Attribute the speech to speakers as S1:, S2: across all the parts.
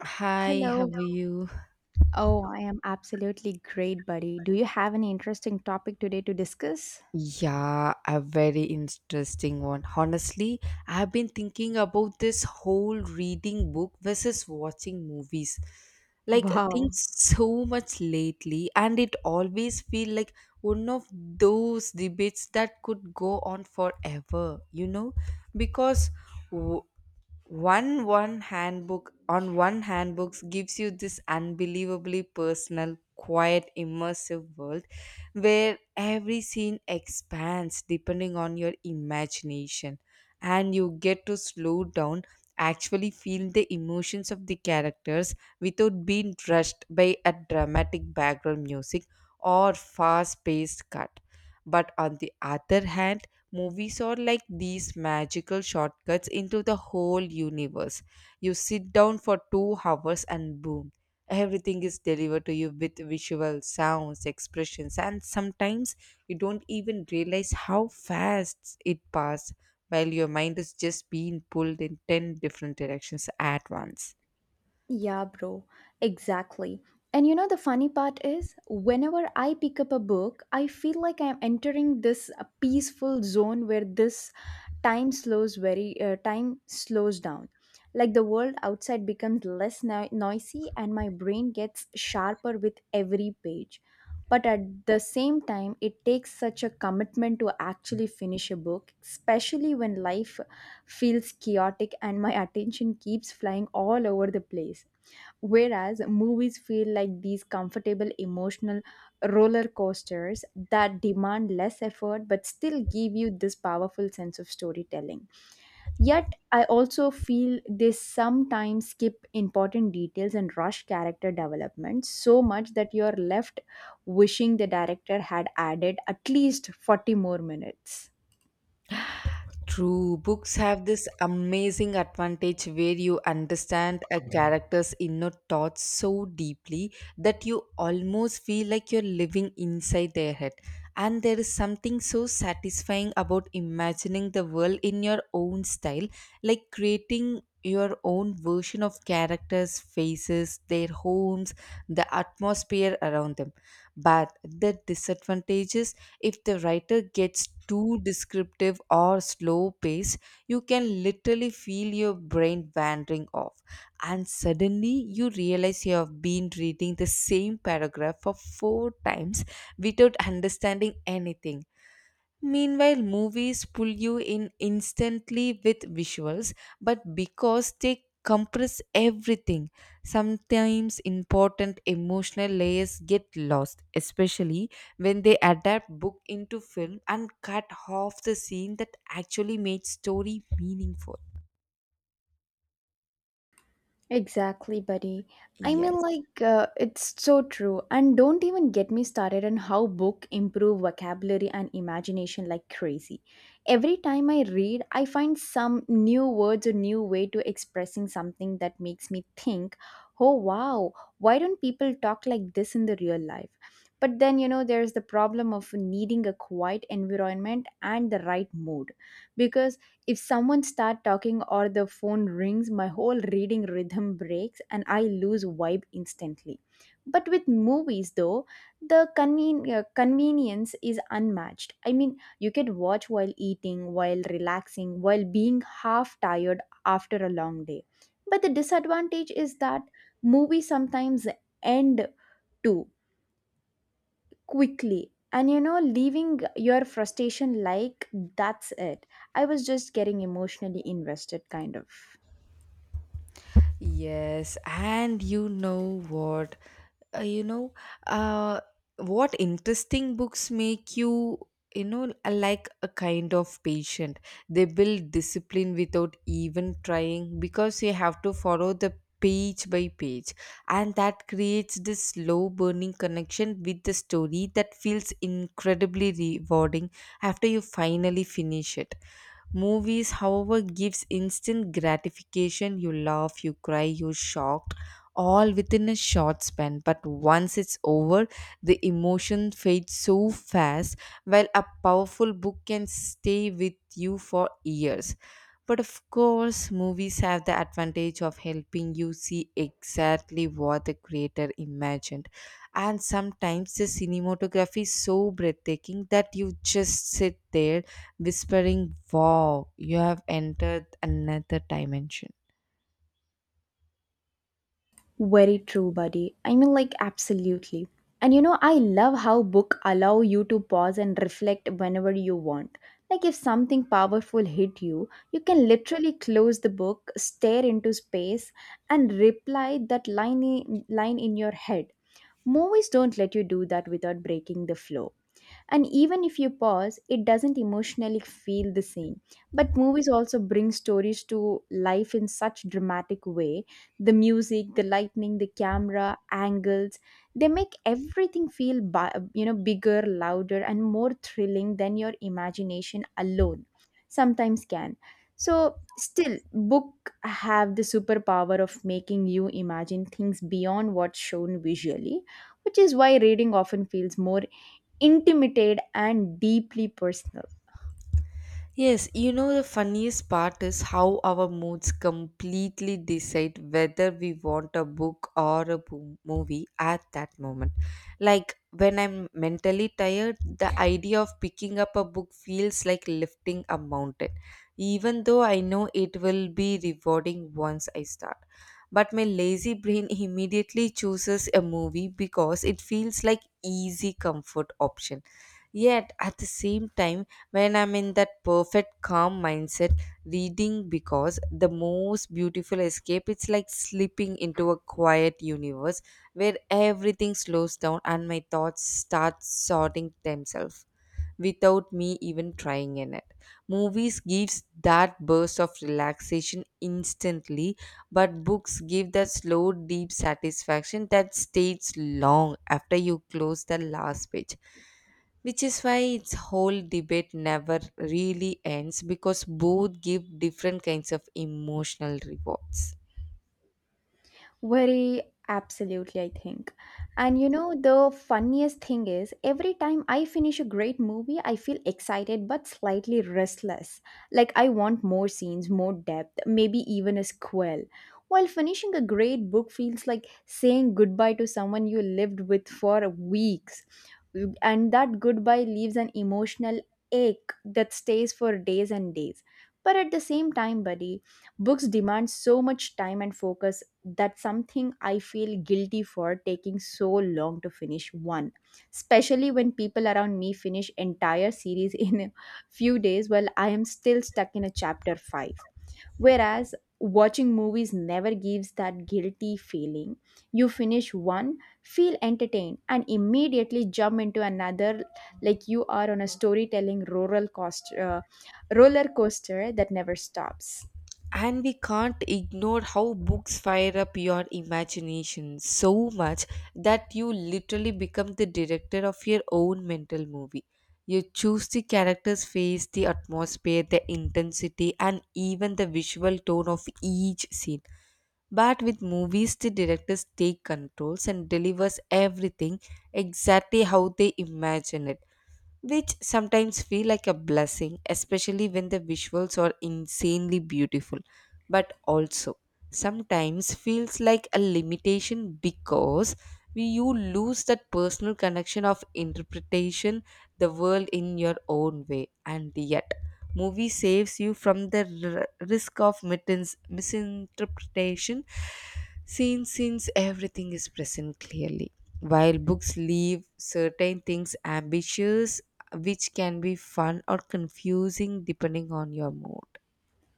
S1: Hi, how
S2: Hello.
S1: are you?
S2: Oh, I am absolutely great, buddy. Do you have any interesting topic today to discuss?
S1: Yeah, a very interesting one. Honestly, I've been thinking about this whole reading book versus watching movies. Like things
S2: Wow.
S1: so much lately, and it always feel like one of those debates that could go on forever, you know? Because w- one handbook on one handbooks gives you this unbelievably personal, quiet, immersive world where every scene expands depending on your imagination, and you get to slow down, actually feel the emotions of the characters without being rushed by a dramatic background music or fast paced cut. But on the other hand, movies are like these magical shortcuts into the whole universe. You sit down for 2 hours and boom, everything is delivered to you with visual sounds, expressions, and sometimes you don't even realize how fast it passed while your mind is just being pulled in 10 different directions at once.
S2: Yeah, bro. Exactly. And the funny part is, whenever I pick up a book, I feel like I'm entering this peaceful zone where this time slows very time slows down, like the world outside becomes less noisy and my brain gets sharper with every page, but at the same time it takes such a commitment to actually finish a book, especially when life feels chaotic and my attention keeps flying all over the place, whereas movies feel like these comfortable emotional roller coasters that demand less effort but still give you this powerful sense of storytelling. Yet, I also feel they sometimes skip important details and rush character development so much that you're left wishing the director had added at least 40 more minutes.
S1: True, books have this amazing advantage where you understand a character's inner thoughts so deeply that you almost feel like you're living inside their head. And there is something so satisfying about imagining the world in your own style, like creating your own version of characters, faces, their homes, the atmosphere around them. But the disadvantages: if the writer gets too descriptive or slow paced, you can literally feel your brain wandering off. And suddenly you realize you have been reading the same paragraph for 4 times without understanding anything. Meanwhile, movies pull you in instantly with visuals, but because they compress everything, sometimes important emotional layers get lost, especially when they adapt book into film and cut off the scene that actually made story meaningful.
S2: Exactly, buddy. I mean,
S1: Yes.
S2: like, it's so true. And don't even get me started on how book improve vocabulary and imagination like crazy. Every time I read, I find some new words or new way to expressing something that makes me think, oh wow, why don't people talk like this in the real life? But then, there's the problem of needing a quiet environment and the right mood, because if someone start talking or the phone rings, my whole reading rhythm breaks and I lose vibe instantly. But with movies though, the convenience is unmatched. I mean, you can watch while eating, while relaxing, while being half tired after a long day. But the disadvantage is that movies sometimes end too quickly, and leaving your frustration like, that's it, I was just getting emotionally invested, kind of.
S1: Yes, and you know what? Uh, you know, uh, what interesting books make you like a kind of patient. They build discipline without even trying because you have to follow the page by page, and that creates this slow burning connection with the story that feels incredibly rewarding after you finally finish it. Movies, however, gives instant gratification. You laugh, you cry, you're shocked, all within a short span. But once it's over, the emotion fades so fast, while a powerful book can stay with you for years. But of course, movies have the advantage of helping you see exactly what the creator imagined. And sometimes the cinematography is so breathtaking that you just sit there whispering, "Wow, you have entered another dimension."
S2: Very true, buddy. I mean, like, absolutely. And I love how book allow you to pause and reflect whenever you want. Like if something powerful hit you, you can literally close the book, stare into space, and reply that line in your head. Movies don't let you do that without breaking the flow, and even if you pause it doesn't emotionally feel the same. But movies also bring stories to life in such dramatic way, the music, the lighting, the camera angles, they make everything feel bigger, louder, and more thrilling than your imagination alone sometimes can. So still book have the superpower of making you imagine things beyond what's shown visually, which is why reading often feels more intimate and deeply personal.
S1: Yes, you know, the funniest part is how our moods completely decide whether we want a book or a movie at that moment. Like when I'm mentally tired, the idea of picking up a book feels like lifting a mountain, even though I know it will be rewarding once I start. But my lazy brain immediately chooses a movie because it feels like easy comfort option. Yet at the same time, when I'm in that perfect calm mindset, reading because the most beautiful escape. It's like slipping into a quiet universe where everything slows down and my thoughts start sorting themselves without me even trying in it. Movies gives that burst of relaxation instantly, but books give that slow deep satisfaction that stays long after you close the last page, which is why its whole debate never really ends because both give different kinds of emotional rewards.
S2: Very absolutely, I think. And the funniest thing is, every time I finish a great movie, I feel excited but slightly restless. Like, I want more scenes, more depth, maybe even a sequel. While finishing a great book feels like saying goodbye to someone you lived with for weeks. And that goodbye leaves an emotional ache that stays for days and days. But at the same time, buddy, books demand so much time and focus that's something I feel guilty for taking so long to finish one, especially when people around me finish entire series in a few days while I am still stuck in a chapter 5. Whereas watching movies never gives that guilty feeling. You finish one, feel entertained, and immediately jump into another, like you are on a storytelling roller coaster that never stops.
S1: And we can't ignore how books fire up your imagination so much that you literally become the director of your own mental movie. You choose the character's face, the atmosphere, the intensity, and even the visual tone of each scene. But with movies, the directors take controls and delivers everything exactly how they imagine it, which sometimes feel like a blessing, especially when the visuals are insanely beautiful, but also sometimes feels like a limitation because you lose that personal connection of interpretation the world in your own way. And yet movie saves you from the risk of misinterpretation, since everything is present clearly, while books leave certain things ambitious, which can be fun or confusing depending on your mood.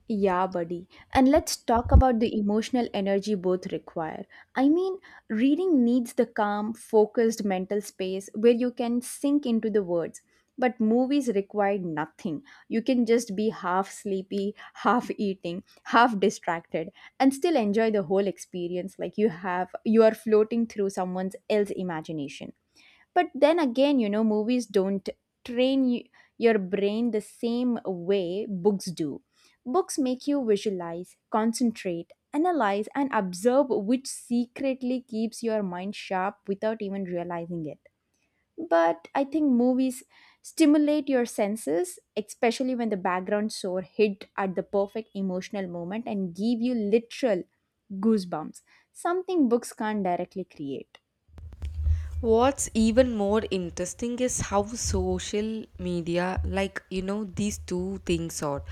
S2: Yeah, buddy. And let's talk about the emotional energy both require. I mean, reading needs the calm, focused mental space where you can sink into the words. But movies require nothing. You can just be half sleepy, half eating, half distracted, and still enjoy the whole experience, like you are floating through someone else's imagination. But then again, movies don't train your brain the same way books do. Books make you visualize, concentrate, analyze, and observe, which secretly keeps your mind sharp without even realizing it. But I think movies stimulate your senses, especially when the background score hit at the perfect emotional moment and give you literal goosebumps, something books can't directly create.
S1: What's even more interesting is how social media, like, these two things are,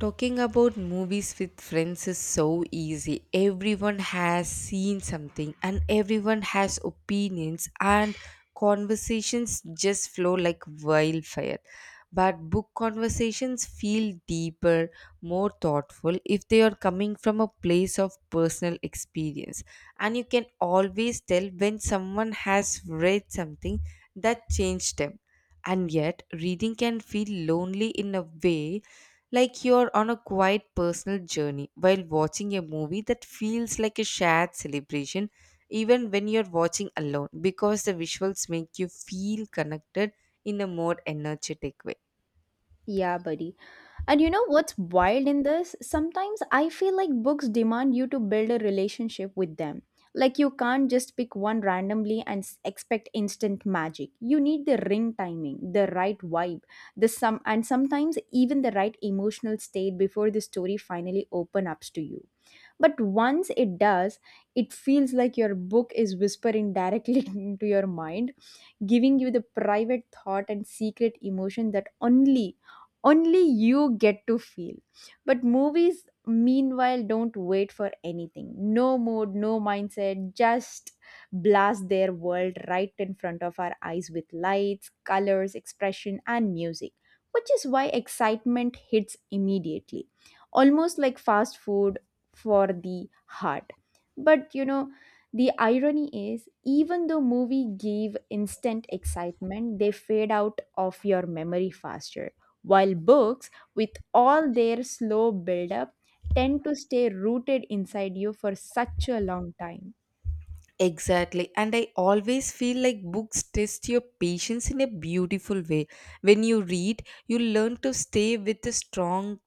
S1: talking about movies with friends is so easy. Everyone has seen something and everyone has opinions and conversations just flow like wildfire. But book conversations feel deeper, more thoughtful if they are coming from a place of personal experience. And you can always tell when someone has read something that changed them. And yet, reading can feel lonely in a way, like you're on a quiet personal journey, while watching a movie that feels like a shared celebration, even when you're watching alone because the visuals make you feel connected in a more energetic way.
S2: Yeah, buddy. And you know what's wild in this? Sometimes I feel like books demand you to build a relationship with them. Like you can't just pick one randomly and expect instant magic. You need the ring timing, the right vibe, the sometimes even the right emotional state before the story finally open up to you. But once it does, it feels like your book is whispering directly into your mind, giving you the private thought and secret emotion that only you get to feel. But movies, meanwhile, don't wait for anything, no mood, no mindset, just blast their world right in front of our eyes with lights, colors, expression and music, which is why excitement hits immediately, almost like fast food for the heart. But the irony is, even though movie give instant excitement, they fade out of your memory faster, while books, with all their slow build up, tend to stay rooted inside you for such a long time.
S1: Exactly. And I always feel like books test your patience in a beautiful way. When you read, you learn to stay with the strong,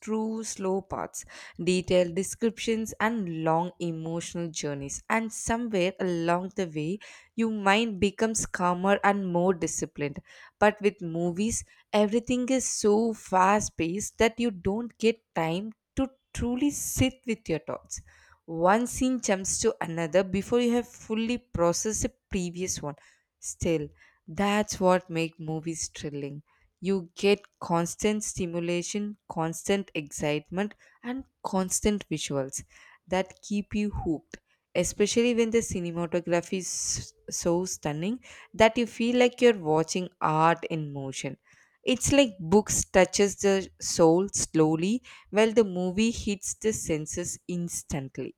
S1: true, slow parts, detailed descriptions, and long emotional journeys. And somewhere along the way, your mind becomes calmer and more disciplined. But with movies, everything is so fast paced that you don't get time to truly sit with your thoughts. One scene jumps to another before you have fully processed the previous one. Still, that's what makes movies thrilling. You get constant stimulation, constant excitement, and constant visuals that keep you hooked, especially when the cinematography is so stunning that you feel like you're watching art in motion. It's like books touches the soul slowly while the movie hits the senses instantly.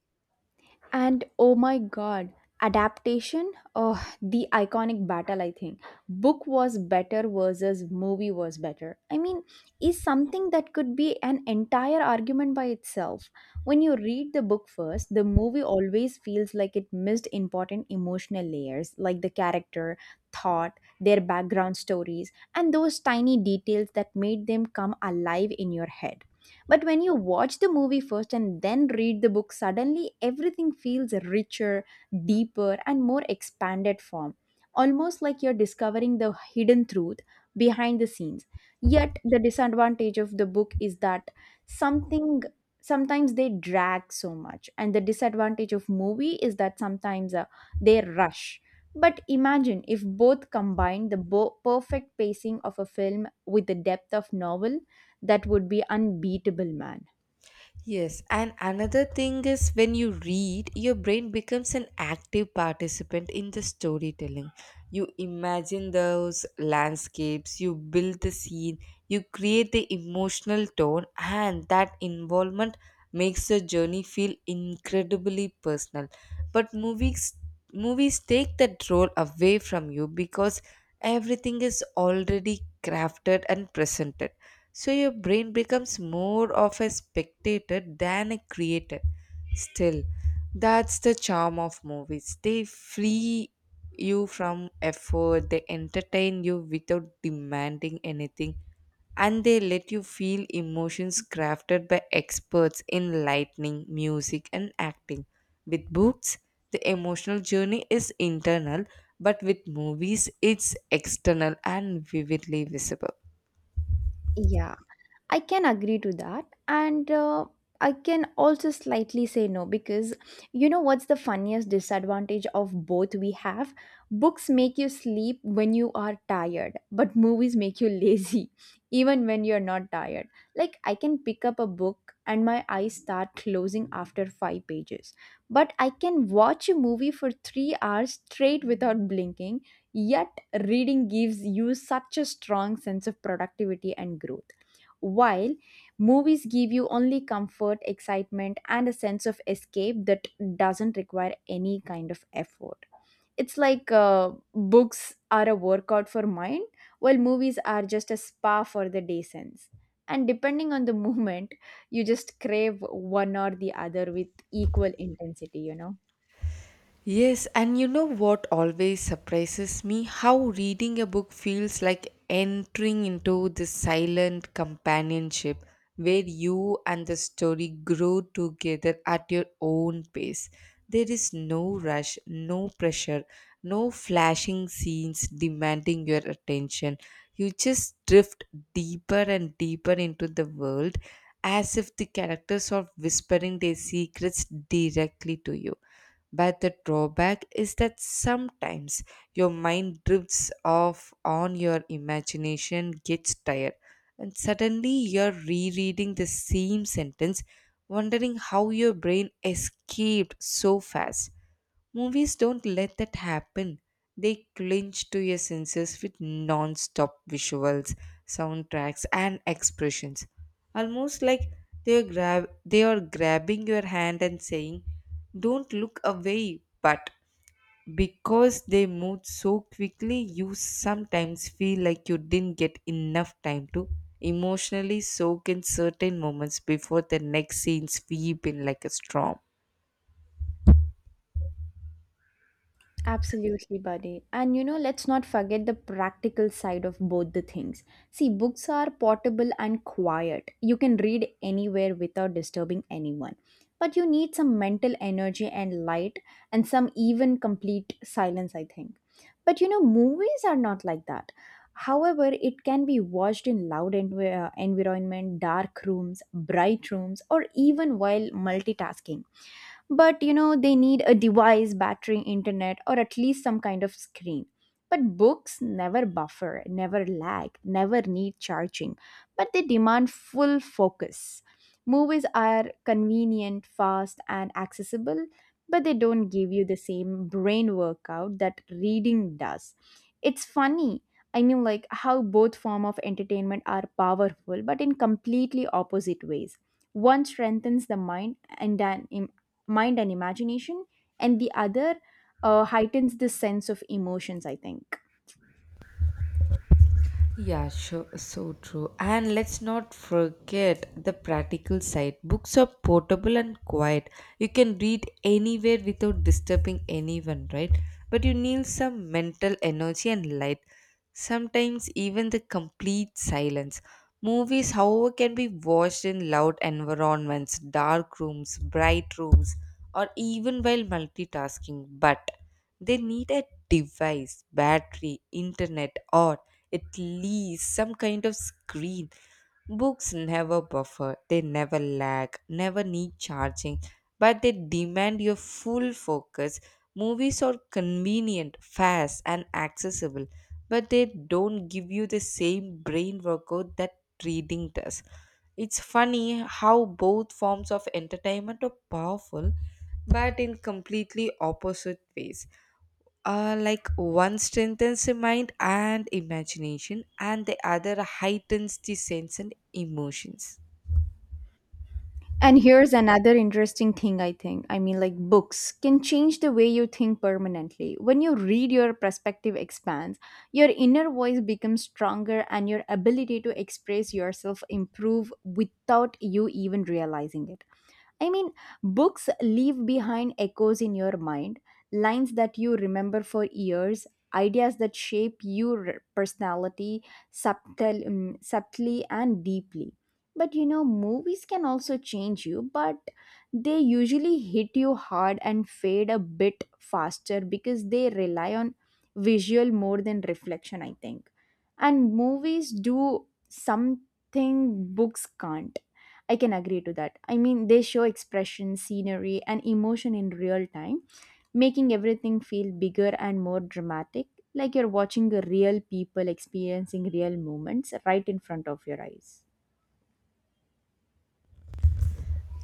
S2: And oh my god, adaptation? Oh, the iconic battle, I think. Book was better versus movie was better. I mean, is something that could be an entire argument by itself. When you read the book first, the movie always feels like it missed important emotional layers, like the character, thought, their background stories, and those tiny details that made them come alive in your head. But when you watch the movie first and then read the book, suddenly everything feels richer, deeper, and more expanded form. Almost like you're discovering the hidden truth behind the scenes. Yet the disadvantage of the book is that something sometimes they drag so much, and the disadvantage of movie is that sometimes they rush. But imagine if both combine the perfect pacing of a film with the depth of novel, that would be unbeatable, man.
S1: Yes, and another thing is when you read, your brain becomes an active participant in the storytelling. You imagine those landscapes, you build the scene, you create the emotional tone, and that involvement makes the journey feel incredibly personal. But movies take that role away from you because everything is already crafted and presented. So your brain becomes more of a spectator than a creator. Still, that's the charm of movies. They free you from effort, they entertain you without demanding anything, and they let you feel emotions crafted by experts in lighting, music, and acting. With books, the emotional journey is internal, but with movies, it's external and vividly visible.
S2: Yeah. I can agree to that. And I can also slightly say no because you know what's the funniest disadvantage of both we have? Books make you sleep when you are tired, but movies make you lazy even when you're not tired. Like, I can pick up a book and my eyes start closing after five pages, but I can watch a movie for 3 hours straight without blinking. Yet, reading gives you such a strong sense of productivity and growth, while movies give you only comfort, excitement, and a sense of escape that doesn't require any kind of effort. It's like books are a workout for mind, while movies are just a spa for the day sense. And depending on the moment, you just crave one or the other with equal intensity.
S1: Yes, and you know what always surprises me? How reading a book feels like entering into this silent companionship where you and the story grow together at your own pace. There is no rush, no pressure, no flashing scenes demanding your attention. You just drift deeper and deeper into the world as if the characters are whispering their secrets directly to you. But the drawback is that sometimes your mind drifts off on your imagination gets tired and suddenly you're rereading the same sentence wondering how your brain escaped so fast. Movies don't let that happen. They clinch to your senses with non stop visuals, soundtracks, and expressions. Almost like they are grabbing your hand and saying, "Don't look away." But because they move so quickly, you sometimes feel like you didn't get enough time to emotionally soak in certain moments before the next scene sweep in like a storm.
S2: Absolutely, buddy. And let's not forget the practical side of both the things. See, books are portable and quiet. You can read anywhere without disturbing anyone. But you need some mental energy and light, and some even complete silence, I think. But movies are not like that. However, it can be watched in loud environment, dark rooms, bright rooms, or even while multitasking, but they need a device, battery, internet, or at least some kind of screen. But books never buffer, never lag, never need charging, but they demand full focus. Movies are convenient, fast, and accessible, but they don't give you the same brain workout that reading does. It's funny. I mean, like, how both form of entertainment are powerful but in completely opposite ways, one strengthens the mind and imagination, and the other heightens the sense of emotions, I think.
S1: Yeah, sure, so true. And let's not forget the practical side. Books are portable and quiet. You can read anywhere without disturbing anyone, right? But you need some mental energy and light. Sometimes even the complete silence. Movies, however, can be watched in loud environments, dark rooms, bright rooms, or even while multitasking, but they need a device, battery, internet, or at least some kind of screen. Books never buffer, they never lag, never need charging, but they demand your full focus. Movies are convenient, fast, and accessible, but they don't give you the same brain workout that reading does. It's funny how both forms of entertainment are powerful, but in completely opposite ways. Like, one strengthens the mind and imagination, and the other heightens the sense and emotions.
S2: And here's another interesting thing I think. I mean, like books can change the way you think permanently. When you read, your perspective expands, your inner voice becomes stronger, and your ability to express yourself improve without you even realizing it. I mean, books leave behind echoes in your mind, lines that you remember for years, ideas that shape your personality subtly and deeply. But movies can also change you, but they usually hit you hard and fade a bit faster because they rely on visual more than reflection, I think. And movies do something books can't. I can agree to that. I mean, they show expression, scenery, and emotion in real time, making everything feel bigger and more dramatic, like you're watching a real people experiencing real moments right in front of your eyes.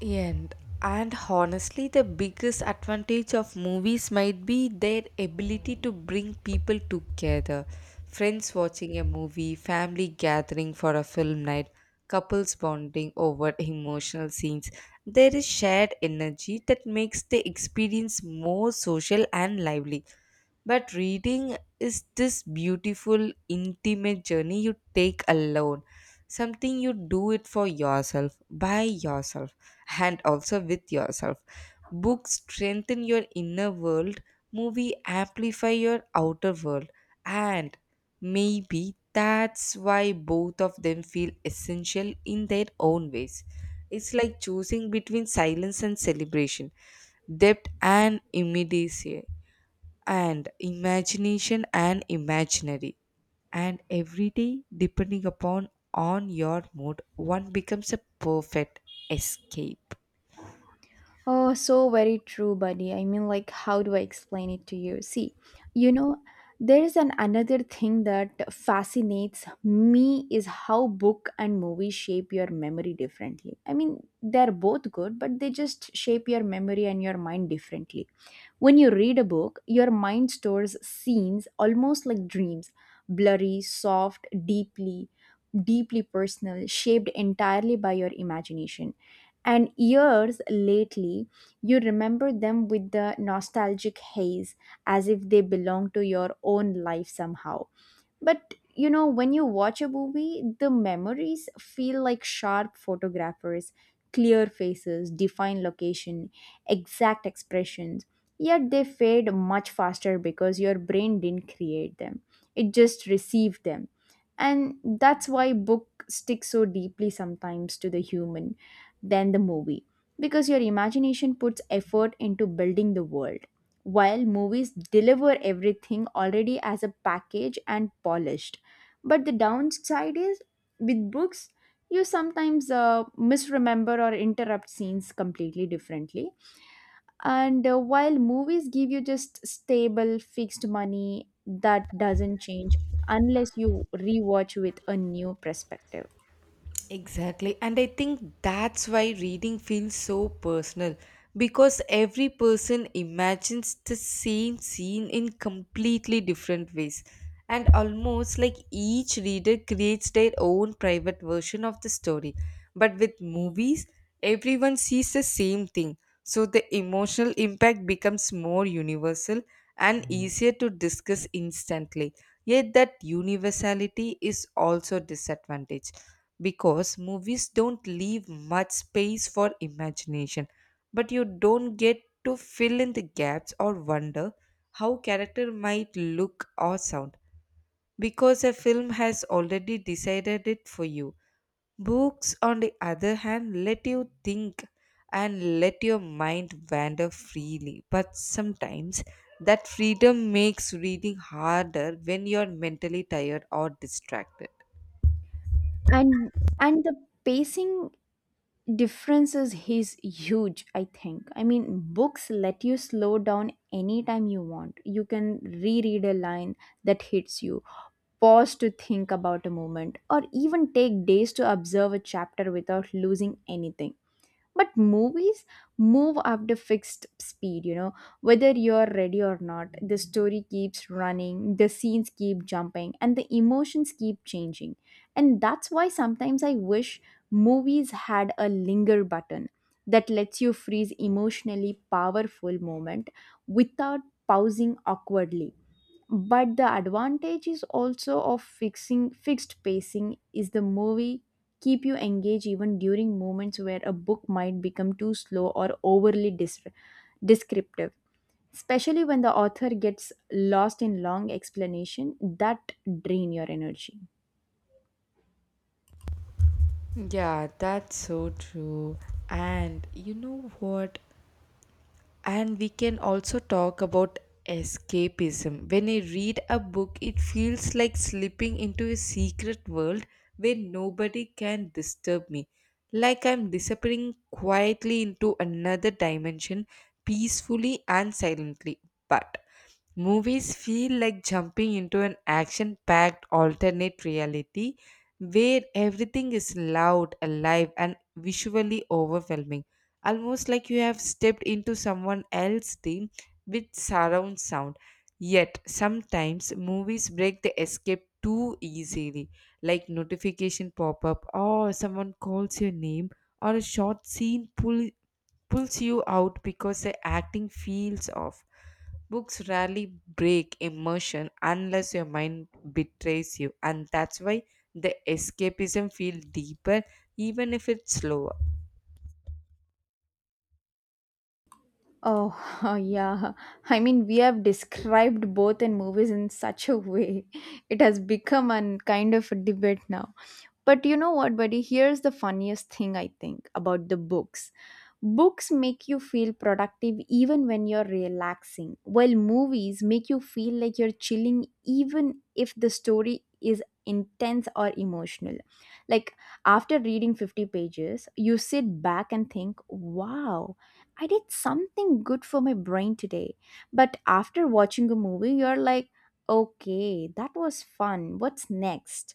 S1: And and honestly, the biggest advantage of movies might be their ability to bring people together. Friends watching a movie, family gathering for a film night, couples bonding over emotional scenes. There is shared energy that makes the experience more social and lively. But reading is this beautiful, intimate journey you take alone. Something you do it for yourself, by yourself, and also with yourself. Books strengthen your inner world, movie amplify your outer world, and maybe that's why both of them feel essential in their own ways. It's like choosing between silence and celebration, depth and immediacy and imagination and imaginary, and every day depending upon on your mood one becomes a perfect escape.
S2: Oh, so very true, buddy. I mean, like, how do I explain it to you? See, you know, there is an another thing that fascinates me is how book and movie shape your memory differently. I mean, they're both good, but they just shape your memory and your mind differently. When you read a book, your mind stores scenes almost like dreams, blurry, soft, deeply, deeply personal, shaped entirely by your imagination. And years lately, you remember them with the nostalgic haze as if they belong to your own life somehow. But you know, when you watch a movie, the memories feel like sharp photographers, clear faces, defined location, exact expressions. Yet they fade much faster because your brain didn't create them, it just received them. And that's why book sticks so deeply sometimes to the human than the movie because your imagination puts effort into building the world while movies deliver everything already as a package and polished. But the downside is with books, you sometimes misremember or interrupt scenes completely differently. And while movies give you just stable, fixed money that doesn't change unless you rewatch with a new perspective.
S1: Exactly. And I think that's why reading feels so personal because every person imagines the same scene in completely different ways. And almost like each reader creates their own private version of the story. But with movies, everyone sees the same thing. So the emotional impact becomes more universal and easier to discuss instantly. Yet that universality is also disadvantage because movies don't leave much space for imagination, but you don't get to fill in the gaps or wonder how character might look or sound because a film has already decided it for you. Books, on the other hand, let you think and let your mind wander freely, but sometimes that freedom makes reading harder when you're mentally tired or distracted.
S2: and and the pacing differences is huge, I think. I mean, books let you slow down anytime you want. You can reread a line that hits you, pause to think about a moment, or even take days to observe a chapter without losing anything. But movies move up to fixed speed, you know, whether you're ready or not. The story keeps running, the scenes keep jumping, and the emotions keep changing. And that's why sometimes I wish movies had a linger button that lets you freeze emotionally powerful moment without pausing awkwardly. But the advantage is also of fixing fixed pacing is the movie keep you engaged even during moments where a book might become too slow or overly descriptive, especially when the author gets lost in long explanation that drain your energy.
S1: Yeah, that's so true. And you know what? And we can also talk about escapism. When I read a book, it feels like slipping into a secret world where nobody can disturb me. Like I'm disappearing quietly into another dimension, peacefully and silently. But movies feel like jumping into an action packed alternate reality where everything is loud, alive, and visually overwhelming. Almost like you have stepped into someone else's dream with surround sound. Yet, sometimes movies break the escape too easily, like notification pop up, or someone calls your name, or a short scene pulls you out because the acting feels off. Books rarely break immersion unless your mind betrays you, and that's why the escapism feels deeper, even if it's slower.
S2: Oh, yeah. I mean, we have described both in movies in such a way. It has become a kind of a debate now. But you know what, buddy? Here's the funniest thing I think about the books. Books make you feel productive even when you're relaxing, while movies make you feel like you're chilling even if the story is intense or emotional. Like after reading 50 pages, you sit back and think, wow, I did something good for my brain today. But after watching a movie, you're like, okay, that was fun. What's next?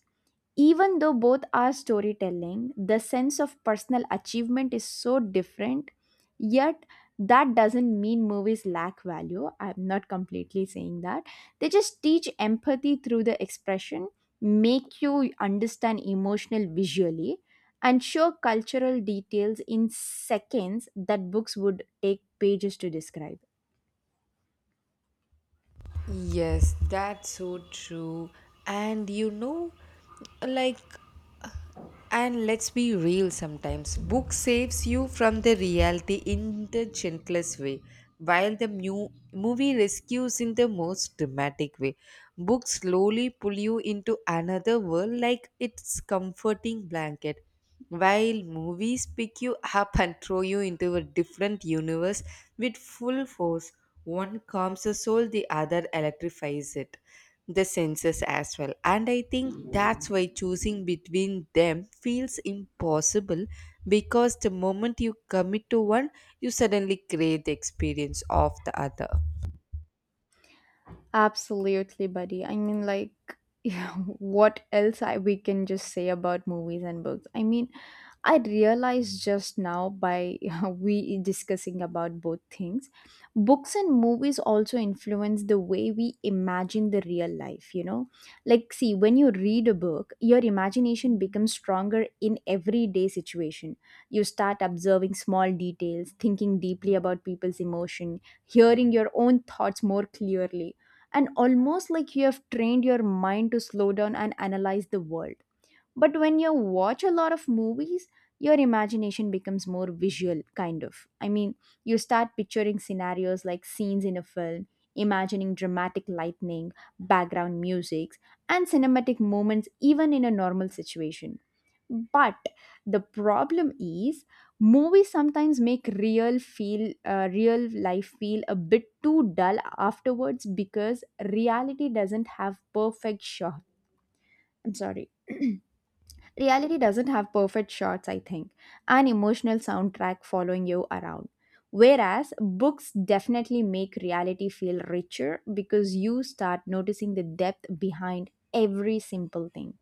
S2: Even though both are storytelling, the sense of personal achievement is so different, yet that doesn't mean movies lack value. I'm not completely saying that. They just teach empathy through the expression, make you understand emotional visually, and show cultural details in seconds that books would take pages to describe.
S1: Yes, that's so true. And you know, like, and let's be real sometimes. Book saves you from the reality in the gentlest way, while the movie rescues in the most dramatic way. Books slowly pull you into another world like it's comforting blanket. While movies pick you up and throw you into a different universe with full force, one calms the soul, the other electrifies it, the senses as well. And I think that's why choosing between them feels impossible because the moment you commit to one, you suddenly crave the experience of the other.
S2: Absolutely, buddy. I mean, like, yeah, what else we can just say about movies and books? I mean, I realized just now by we discussing about both things. Books and movies also influence the way we imagine the real life, you know. Like see, when you read a book, your imagination becomes stronger in everyday situation. You start observing small details, thinking deeply about people's emotion, hearing your own thoughts more clearly. And almost like you have trained your mind to slow down and analyze the world. But when you watch a lot of movies, your imagination becomes more visual, kind of. I mean, you start picturing scenarios like scenes in a film, imagining dramatic lightning, background music, and cinematic moments, even in a normal situation. But the problem is, movies sometimes make real life feel a bit too dull afterwards because reality doesn't have perfect shot. I'm sorry. Reality doesn't have perfect shots, I think, an emotional soundtrack following you around. Whereas books definitely make reality feel richer because you start noticing the depth behind every simple thing.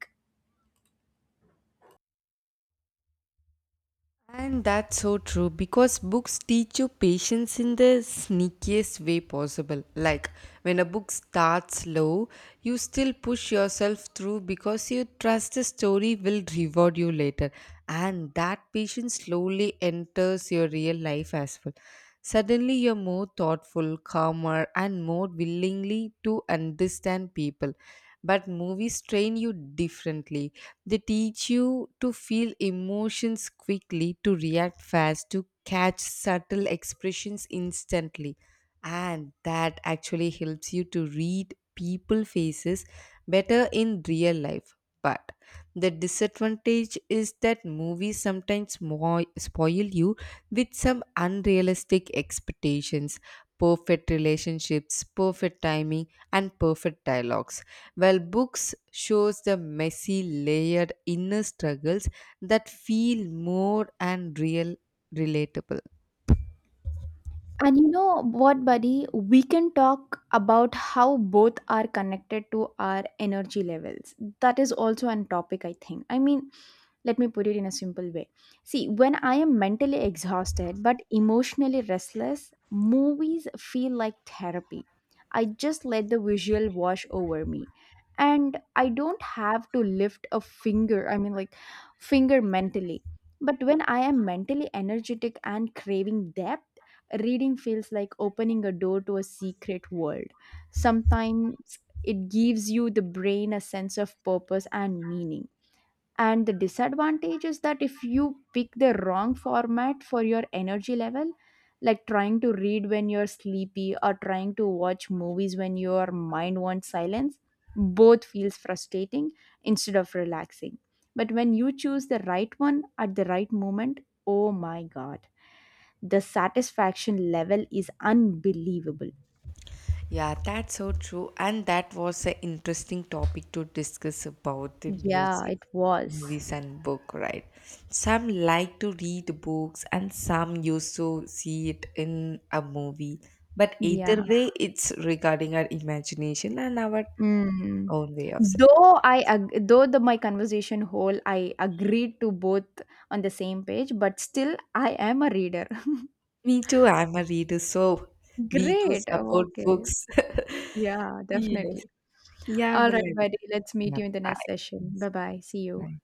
S1: And that's so true because books teach you patience in the sneakiest way possible. Like when a book starts slow, you still push yourself through because you trust the story will reward you later. And that patience slowly enters your real life as well. Suddenly, you're more thoughtful, calmer, and more willingly to understand people, but movies train you differently. They teach you to feel emotions quickly, to react fast, to catch subtle expressions instantly. And that actually helps you to read people faces better in real life. But the disadvantage is that movies sometimes spoil you with some unrealistic expectations, perfect relationships, perfect timing, and perfect dialogues. While books shows the messy, layered inner struggles that feel more and real relatable.
S2: And you know what, buddy? We can talk about how both are connected to our energy levels. That is also an topic, I think. I mean, let me put it in a simple way. See, when I am mentally exhausted but emotionally restless, movies feel like therapy. I just let the visual wash over me. And I don't have to lift a finger, I mean, like, finger mentally. But when I am mentally energetic and craving depth, reading feels like opening a door to a secret world. Sometimes it gives you the brain a sense of purpose and meaning. And the disadvantage is that if you pick the wrong format for your energy level, like trying to read when you're sleepy or trying to watch movies when your mind wants silence, both feels frustrating instead of relaxing. But when you choose the right one at the right moment, oh my god, the satisfaction level is unbelievable.
S1: Yeah, that's so true. And that was an interesting topic to discuss about the
S2: Yeah,
S1: music,
S2: it was.
S1: movies, and book, right? Some like to read books, and some used to see it in a movie. But
S2: Yeah.
S1: either way, it's regarding our imagination and our
S2: Mm.
S1: own way of selecting.
S2: Though though the my conversation whole I agreed to both on the same page, but still I am a reader.
S1: Me too, I'm a reader, so we do
S2: Great. Oh,
S1: support
S2: okay.
S1: books.
S2: Yeah,
S1: Yes.
S2: definitely.
S1: Yeah,
S2: All
S1: well,
S2: right, buddy. Let's meet
S1: yeah,
S2: you in the
S1: bye.
S2: next session.
S1: Yes,
S2: Bye bye. See you.
S1: bye.